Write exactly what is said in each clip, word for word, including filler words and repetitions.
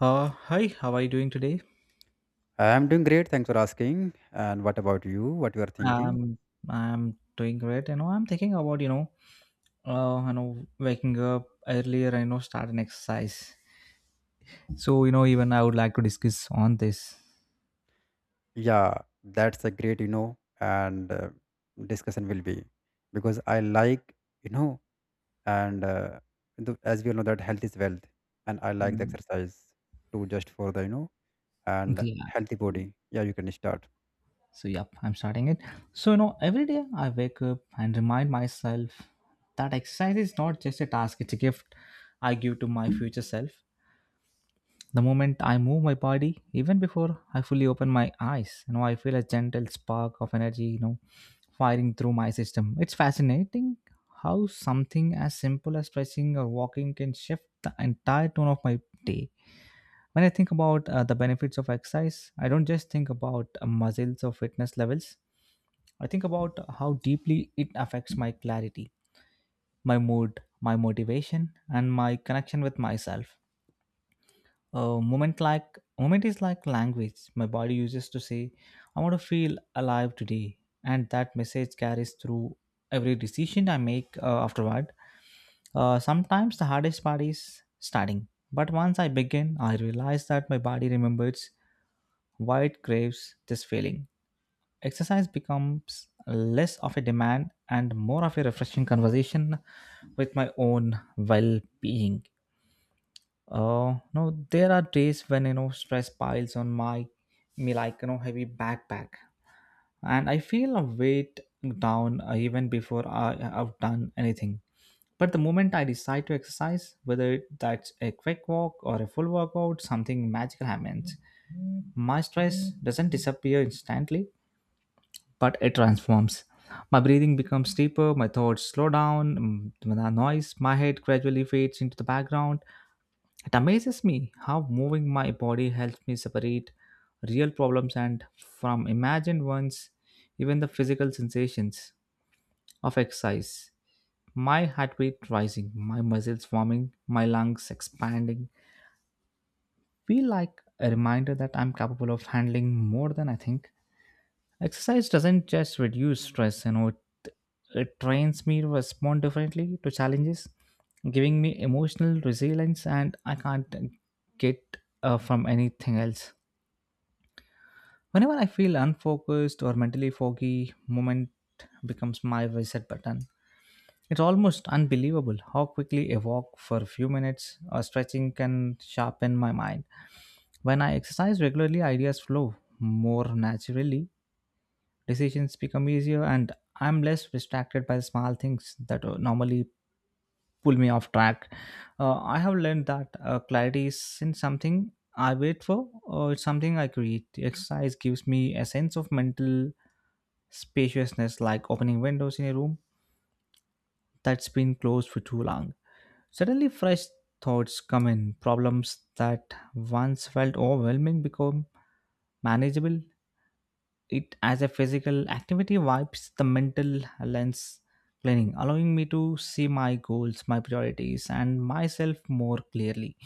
Uh, hi, how are you doing today? I'm doing great. Thanks for asking. And what about you? What you are thinking? Um, I'm doing great. You know, I'm thinking about, you know, uh, you know, waking up earlier and, you know, start an exercise. So, you know, even I would like to discuss on this. Yeah, that's a great, you know, and uh, discussion will be because I like, you know, and uh, the, as we all know that health is wealth, and I like the Mm. exercise too, just for the, you know, and Yeah. healthy body. Yeah, you can start. So, yep, I'm starting it. So, you know, every day I wake up and remind myself that exercise is not just a task, it's a gift I give to my future self. The moment I move my body, even before I fully open my eyes, you know, I feel a gentle spark of energy, you know, firing through my system. It's fascinating how something as simple as stretching or walking can shift the entire tone of my day. When I think about uh, the benefits of exercise, I don't just think about uh, muscles or fitness levels. I think about how deeply it affects my clarity, my mood, my motivation, and my connection with myself. A moment like moment is like language my body uses to say I want to feel alive today, and that message carries through every decision I make uh, afterward. Uh, sometimes the hardest part is starting, but once I begin I realize that my body remembers why it craves this feeling. Exercise becomes less of a demand and more of a refreshing conversation with my own well-being. Uh, no, there are days when, you know, stress piles on my me like, you know, heavy backpack, and I feel a weight down uh, even before I have done anything. But the moment I decide to exercise, whether that's a quick walk or a full workout, something magical happens. My stress doesn't disappear instantly, but it transforms. My breathing becomes deeper, my thoughts slow down, mm, the noise, my head gradually fades into the background. It amazes me how moving my body helps me separate real problems and from imagined ones, even the physical sensations of exercise. My heart rate rising, my muscles forming, my lungs expanding feel like a reminder that I'm capable of handling more than I think. Exercise doesn't just reduce stress, you know, it, it trains me to respond differently to challenges, giving me emotional resilience, and I can't get uh, from anything else. Whenever I feel unfocused or mentally foggy, moment becomes my reset button. It's almost unbelievable how quickly a walk for a few minutes or stretching can sharpen my mind. When I exercise regularly, ideas flow more naturally. Decisions become easier, and I'm less distracted by small things that uh, normally pull me off track. Uh, I have learned that uh, clarity isn't something I wait for, or it's something I create. Exercise gives me a sense of mental spaciousness, like opening windows in a room that's been closed for too long. Suddenly, fresh thoughts come in. Problems that once felt overwhelming become manageable. It as a physical activity wipes the mental lens cleaning, allowing me to see my goals, my priorities, and myself more clearly.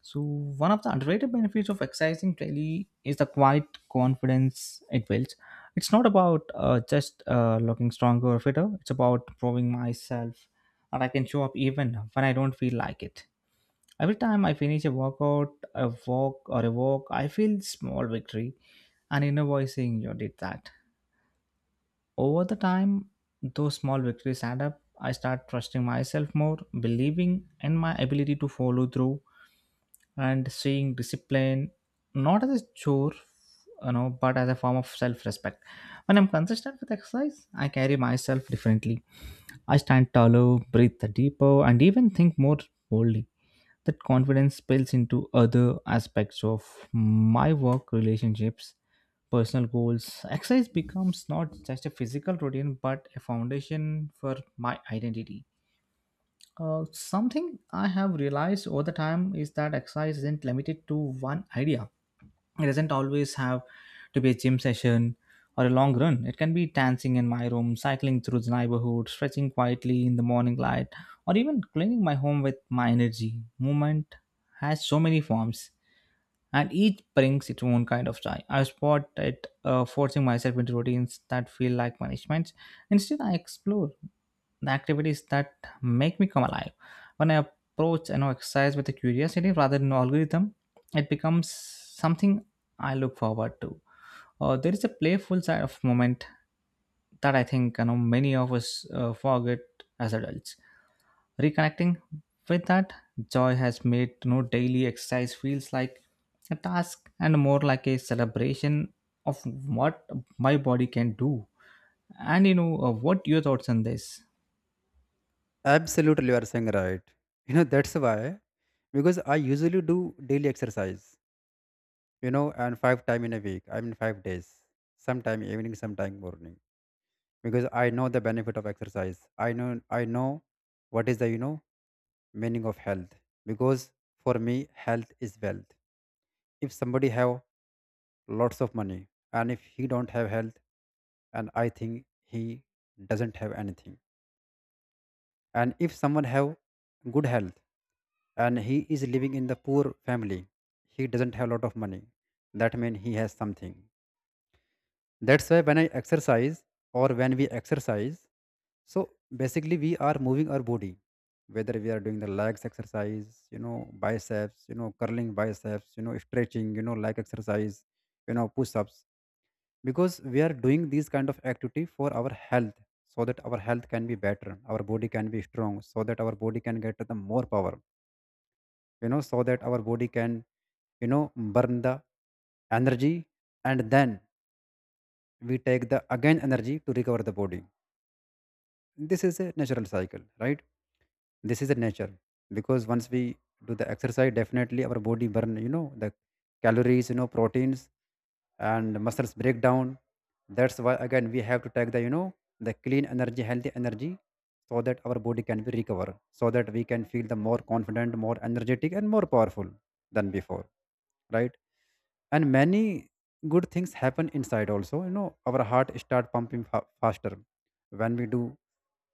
So one of the underrated benefits of exercising daily is the quiet confidence it builds. It's not about uh, just uh, looking stronger or fitter, it's about proving myself that I can show up even when I don't feel like it. Every time I finish a workout, a walk, or a walk, I feel small victory and inner voice saying you did that. Over the time, those small victories add up. I start trusting myself more, believing in my ability to follow through, and seeing discipline not as a chore, you know, but as a form of self-respect. When I'm consistent with exercise, I carry myself differently. I stand taller, breathe deeper, and even think more boldly. That confidence spills into other aspects of my work, relationships, personal goals. Exercise becomes not just a physical routine but a foundation for my identity. Uh, something I have realized over the time is that exercise isn't limited to one idea. It doesn't always have to be a gym session or a long run. It can be dancing in my room, cycling through the neighborhood, stretching quietly in the morning light, or even cleaning my home with my energy. Movement has so many forms, and each brings its own kind of joy. I spot it uh, forcing myself into routines that feel like punishments. Instead, I explore the activities that make me come alive. When I approach an exercise with a curiosity rather than an algorithm, it becomes something I look forward to. Uh, there is a playful side of moment that I think, you know, many of us uh, forget as adults. Reconnecting with that joy has made, you know, daily exercise feels like a task and more like a celebration of what my body can do. And, you know, uh, what your thoughts on this? Absolutely, you are saying right. You know, that's why because I usually do daily exercise, you know, and five time in a week. I mean, five days, sometime evening, sometime morning because I know the benefit of exercise. I know I know what is the, you know, meaning of health because for me health is wealth. If somebody have lots of money and if he don't have health, and I think he doesn't have anything. And if someone have good health and he is living in the poor family, he doesn't have a lot of money. That means he has something. That's why when I exercise or when we exercise. So basically, we are moving our body, whether we are doing the legs exercise, you know, biceps, you know, curling biceps, you know, stretching, you know, leg exercise, you know, push ups, because we are doing these kind of activity for our health so that our health can be better, our body can be strong, so that our body can get the more power, you know, so that our body can, you know, burn the energy, and then we take the again energy to recover the body. This is a natural cycle, right? This is a nature because once we do the exercise, definitely our body burn, you know, the calories, you know, proteins, and muscles break down. That's why again we have to take the, you know, the clean energy, healthy energy, so that our body can be recover, so that we can feel the more confident, more energetic, and more powerful than before, right? And many good things happen inside also. You know, our heart start pumping fa- faster when we do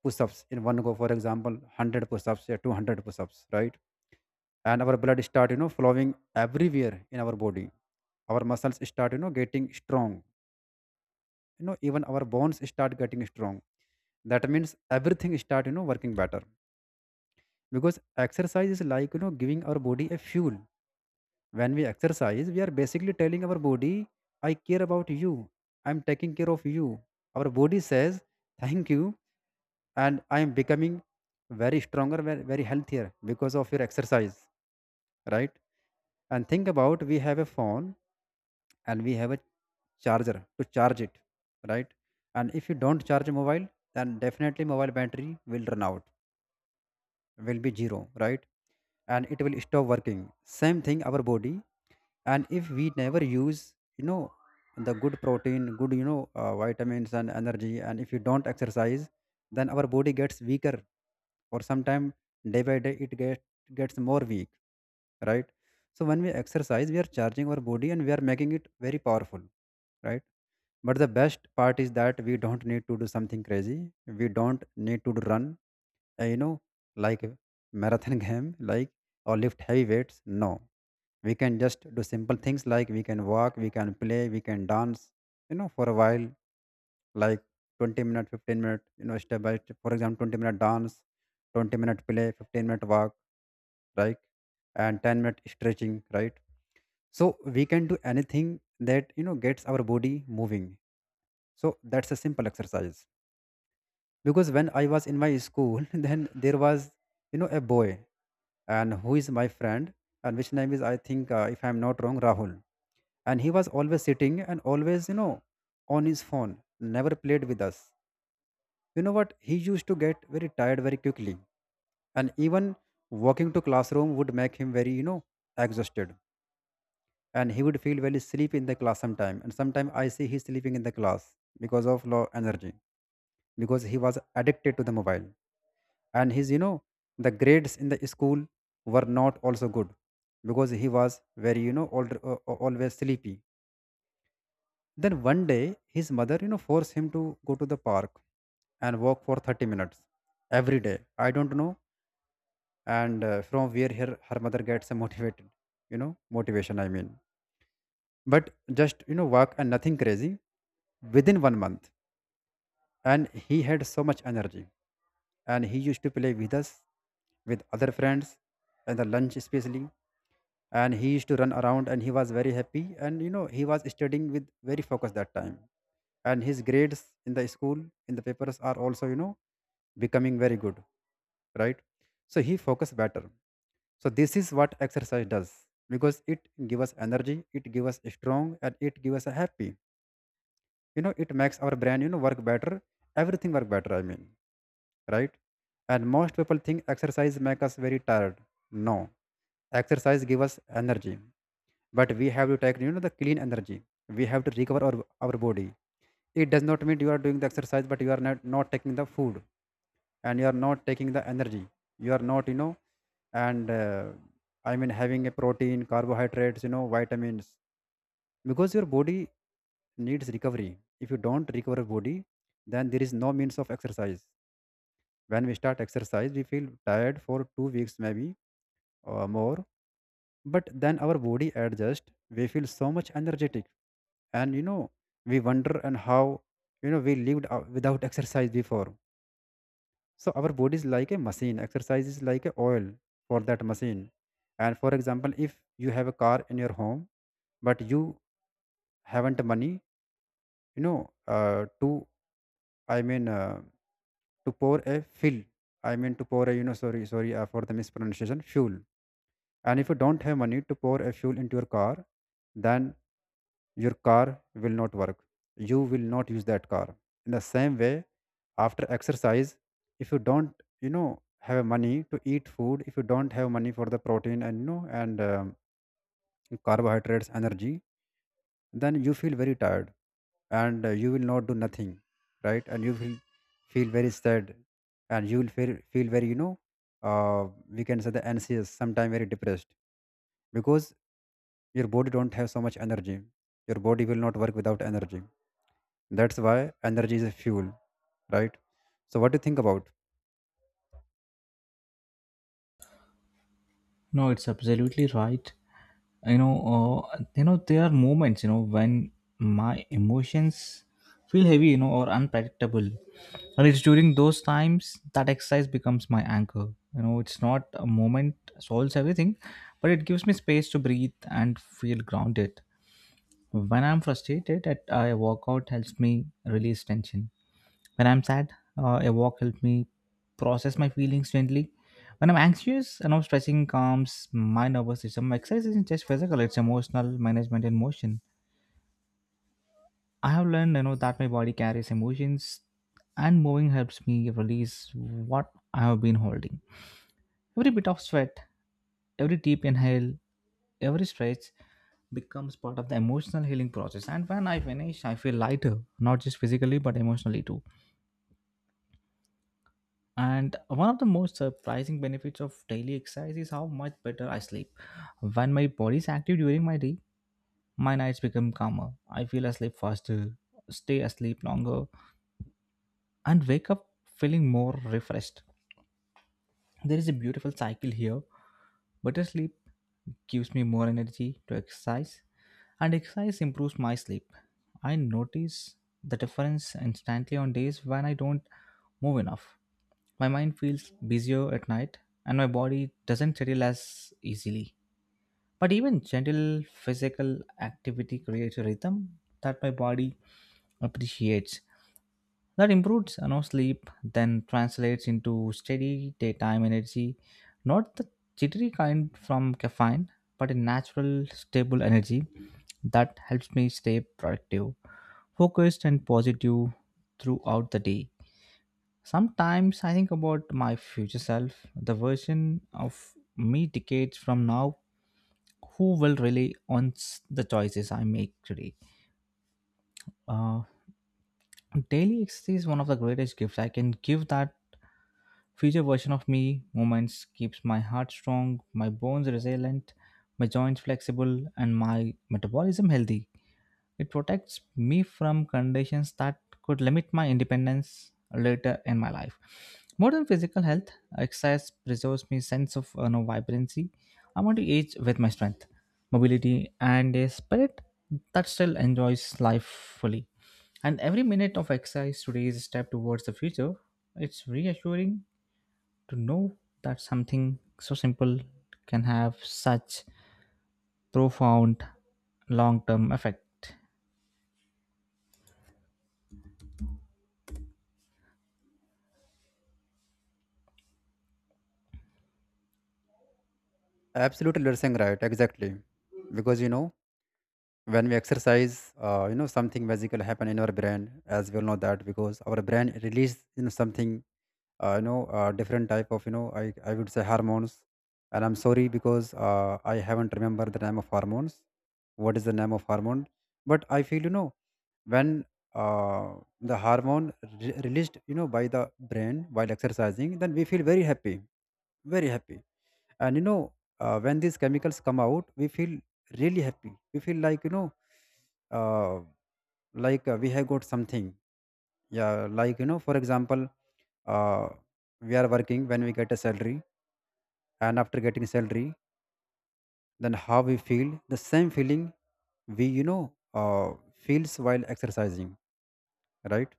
push-ups in one go, for example one hundred push-ups or two hundred push-ups, right? And our blood start, you know, flowing everywhere in our body, our muscles start, you know, getting strong, you know, even our bones start getting strong. That means everything start, you know, working better because exercise is like, you know, giving our body a fuel. When we exercise, we are basically telling our body, I care about you, I'm taking care of you. Our body says thank you, and I am becoming very stronger, ve- very healthier because of your exercise, right? And think about, we have a phone and we have a charger to charge it, right? And if you don't charge mobile, then definitely mobile battery will run out, will be zero, right? And it will stop working, same thing our body. And if we never use, you know, the good protein, good, you know, uh, vitamins and energy, and if you don't exercise, then our body gets weaker, or sometimes day by day it get, gets more weak, right? So when we exercise, we are charging our body and we are making it very powerful, right? But the best part is that we don't need to do something crazy. We don't need to run, uh, you know like a marathon game, like, or lift heavy weights, no. We can just do simple things, like we can walk, we can play, we can dance, you know, for a while, like twenty minute, fifteen minute, you know, step by step. For example twenty minute dance, twenty minute play, fifteen minute walk, like, and ten minute stretching, right? So we can do anything that, you know, gets our body moving. So that's a simple exercise. Because when I was in my school then there was, you know, a boy, and who is my friend, and which name is I think, uh, if I'm not wrong, Rahul. And he was always sitting and always, you know, on his phone, never played with us. You know what, he used to get very tired very quickly, and even walking to classroom would make him very, you know, exhausted. And he would feel very sleepy in the class sometime, and sometimes I see he sleeping in the class because of low energy, because he was addicted to the mobile. And his, you know, the grades in the school were not also good because he was very, you know, al- uh, uh, always sleepy. Then one day his mother, you know, forced him to go to the park and walk for thirty minutes every day, I don't know. And uh, from where her, her mother gets motivated, you know, motivation I mean. But just, you know, walk and nothing crazy. Within one month, and he had so much energy, and he used to play with us, with other friends, and the lunch especially. And he used to run around, and he was very happy, and you know, he was studying with very focus that time. And his grades in the school, in the papers, are also, you know, becoming very good, right? So he focused better. So this is what exercise does, because it give us energy, it give us strong, and it give us a happy, you know, it makes our brain, you know, work better. Everything work better, I mean, right? And most people think exercise make us very tired. No, exercise give us energy, but we have to take, you know, the clean energy. We have to recover our our body. It does not mean you are doing the exercise, but you are not not taking the food and you are not taking the energy. You are not, you know, and uh, I mean having a protein, carbohydrates, you know, vitamins, because your body needs recovery. If you don't recover body, then there is no means of exercise. When we start exercise, we feel tired for two weeks maybe, or more, but then our body adjusts, we feel so much energetic. And you know, we wonder and how, you know, we lived ou- without exercise before. So our body is like a machine, exercise is like a oil for that machine. And for example, if you have a car in your home, but you haven't money, you know, uh, to I mean uh, to pour a fill I mean to pour a you know sorry sorry uh, for the mispronunciation, fuel. And if you don't have money to pour a fuel into your car, then your car will not work. You will not use that car. In the same way, after exercise, if you don't, you know, have money to eat food, if you don't have money for the protein and, you know, and um, carbohydrates, energy, then you feel very tired, and uh, you will not do nothing, right? And you will feel very sad, and you will feel feel very, you know, uh, we can say the anxious, sometimes very depressed, because your body don't have so much energy, your body will not work without energy. That's why energy is a fuel, right? So what do you think about? No, it's absolutely right. you know uh, you know there are moments, you know, when my emotions feel heavy, you know, or unpredictable, and it's during those times that exercise becomes my anchor. You know, it's not a moment solves everything, but it gives me space to breathe and feel grounded. When I'm frustrated, that I workout helps me release tension. When I'm sad, uh, a walk helps me process my feelings gently. When I'm anxious and I stressing, calms my nervous system. Exercise isn't just physical; it's emotional management in motion. I have learned, you know, that my body carries emotions, and moving helps me release what I have been holding. Every bit of sweat, every deep inhale, every stretch becomes part of the emotional healing process. And when I finish, I feel lighter, not just physically but emotionally too. And one of the most surprising benefits of daily exercise is how much better I sleep. When my body is active during my day, my nights become calmer. I feel asleep faster, stay asleep longer, and wake up feeling more refreshed. There is a beautiful cycle here. Better sleep gives me more energy to exercise, and exercise improves my sleep. I notice the difference instantly on days when I don't move enough. My mind feels busier at night and my body doesn't settle as easily. But even gentle physical activity creates a rhythm that my body appreciates. That improves, you know, sleep, then translates into steady daytime energy, not the jittery kind from caffeine, but a natural, stable energy that helps me stay productive, focused, and positive throughout the day. Sometimes I think about my future self, the version of me decades from now who will really owns the choices I make today. Uh, Daily exercise is one of the greatest gifts I can give that future version of me. Moments keeps my heart strong, my bones resilient, my joints flexible, and my metabolism healthy. It protects me from conditions that could limit my independence later in my life. More than physical health, exercise preserves my sense of, you know, vibrancy. I want to age with my strength, mobility, and a spirit that still enjoys life fully. And every minute of exercise today is a step towards the future. It's reassuring to know that something so simple can have such profound long term effect. Absolutely, you're saying right exactly. Because you know, when we exercise, uh, you know, something magical happen in our brain, as we all know that, because our brain release, you know, something, uh, you know uh, different type of, you know, I, I would say hormones. And I'm sorry because uh, I haven't remembered the name of hormones, what is the name of hormone. But I feel, you know, when uh, the hormone re- released, you know, by the brain while exercising, then we feel very happy, very happy. And you know, uh, when these chemicals come out, we feel really happy. We feel like, you know, uh, like uh, we have got something, yeah. Like, you know, for example, uh, we are working, when we get a salary, and after getting salary, then how we feel, the same feeling we, you know, uh, feels while exercising, right?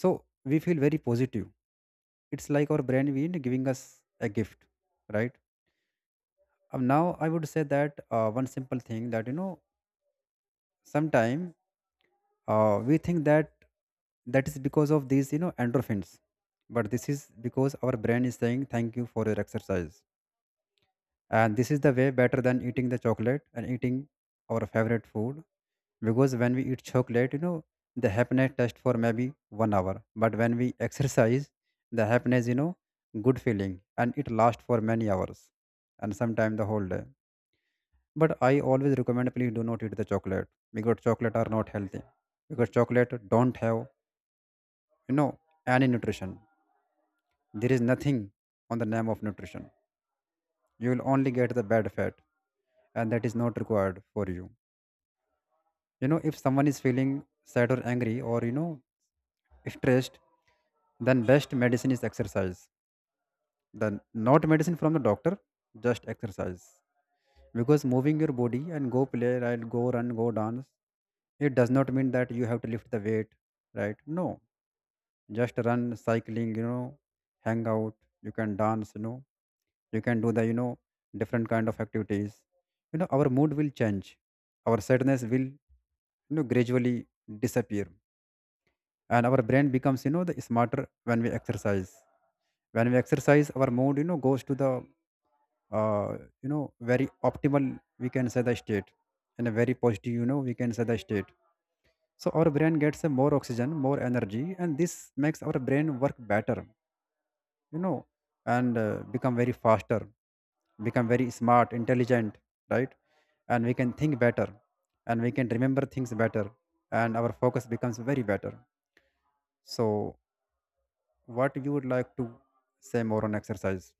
So we feel very positive. It's like our brain being giving us a gift, right? Um, now I would say that uh, one simple thing that, you know, sometime uh, we think that that is because of these, you know, endorphins. But this is because our brain is saying thank you for your exercise. And this is the way better than eating the chocolate and eating our favorite food. Because when we eat chocolate, you know, the happiness lasts for maybe one hour. But when we exercise, the happiness, you know, good feeling, and it lasts for many hours, and sometimes the whole day. But I always recommend, please do not eat the chocolate because chocolate are not healthy. Because chocolate don't have, you know, any nutrition. There is nothing on the name of nutrition. You will only get the bad fat, and that is not required for you. You know, if someone is feeling sad or angry or, you know, stressed, then best medicine is exercise. Then not medicine from the doctor, just exercise. Because moving your body and go play, right, go run, go dance. It does not mean that you have to lift the weight, right? No, just run, cycling, you know, hang out, you can dance, you know, you can do the, you know, different kind of activities, you know, our mood will change, our sadness will, you know, gradually disappear. And our brain becomes, you know, the smarter when we exercise. When we exercise, our mood, you know, goes to the, uh, you know, very optimal, we can say, the state, in a very positive, you know, we can say the state. So our brain gets a more oxygen, more energy, and this makes our brain work better, you know. And uh, become very faster, become very smart, intelligent, right? And we can think better, and we can remember things better, and our focus becomes very better. So what you would like to say more on exercise?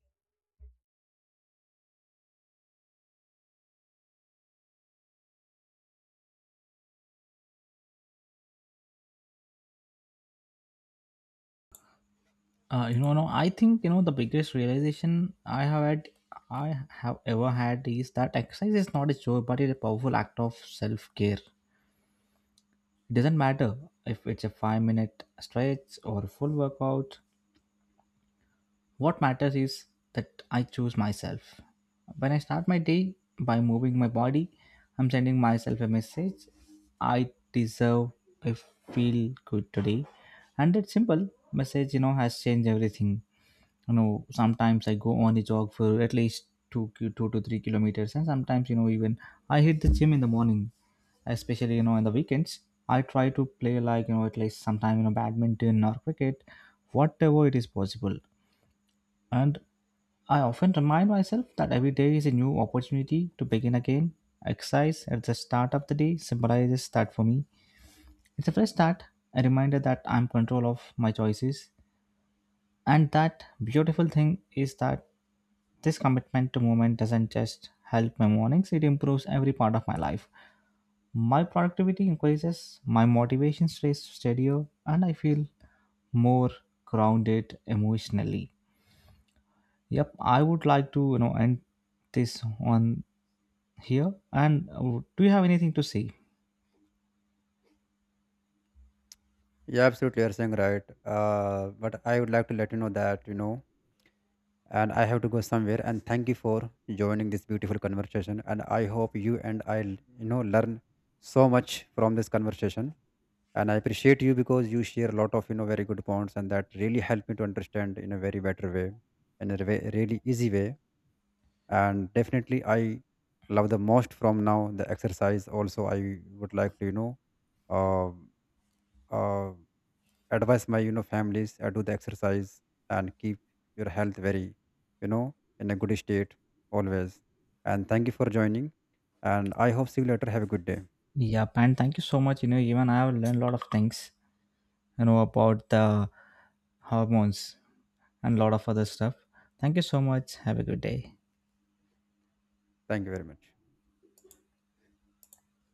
Uh, you know, no, I think, you know, the biggest realization I have had, I have ever had is that exercise is not a chore, but it's a powerful act of self care. It doesn't matter if it's a five minute stretch or a full workout. What matters is that I choose myself. When I start my day by moving my body, I'm sending myself a message I deserve I feel good today. And that simple message, you know, has changed everything. You know, sometimes I go on a jog for at least two, ki- two to three kilometers, and sometimes, you know, even I hit the gym in the morning, especially, you know, in the weekends. I try to play like, you know, at least sometime, you know, badminton or cricket, whatever it is possible. And I often remind myself that every day is a new opportunity to begin again. Exercise at the start of the day symbolizes that for me. It's a fresh start, a reminder that I'm in control of my choices. And that beautiful thing is that this commitment to movement doesn't just help my mornings, it improves every part of my life. My productivity increases, my motivation stays steadier, and I feel more grounded emotionally. Yep, I would like to, you know, end this on here. And uh, do you have anything to say? Yeah, absolutely, you're saying right. Uh, but I would like to let you know that, you know, and I have to go somewhere, and thank you for joining this beautiful conversation. And I hope you and I, you know, learn so much from this conversation. And I appreciate you because you share a lot of, you know, very good points, and that really helped me to understand in a very better way, in a re- really easy way. And definitely I love the most from now, the exercise. Also I would like to, you know, um, uh, advise my, you know, families, uh, do the exercise, and keep your health very, you know, in a good state always. And thank you for joining, and I hope see you later, have a good day. Yep, and thank you so much. You know, even I have learned a lot of things, you know, about the hormones and a lot of other stuff. Thank you so much. Have a good day. Thank you very much.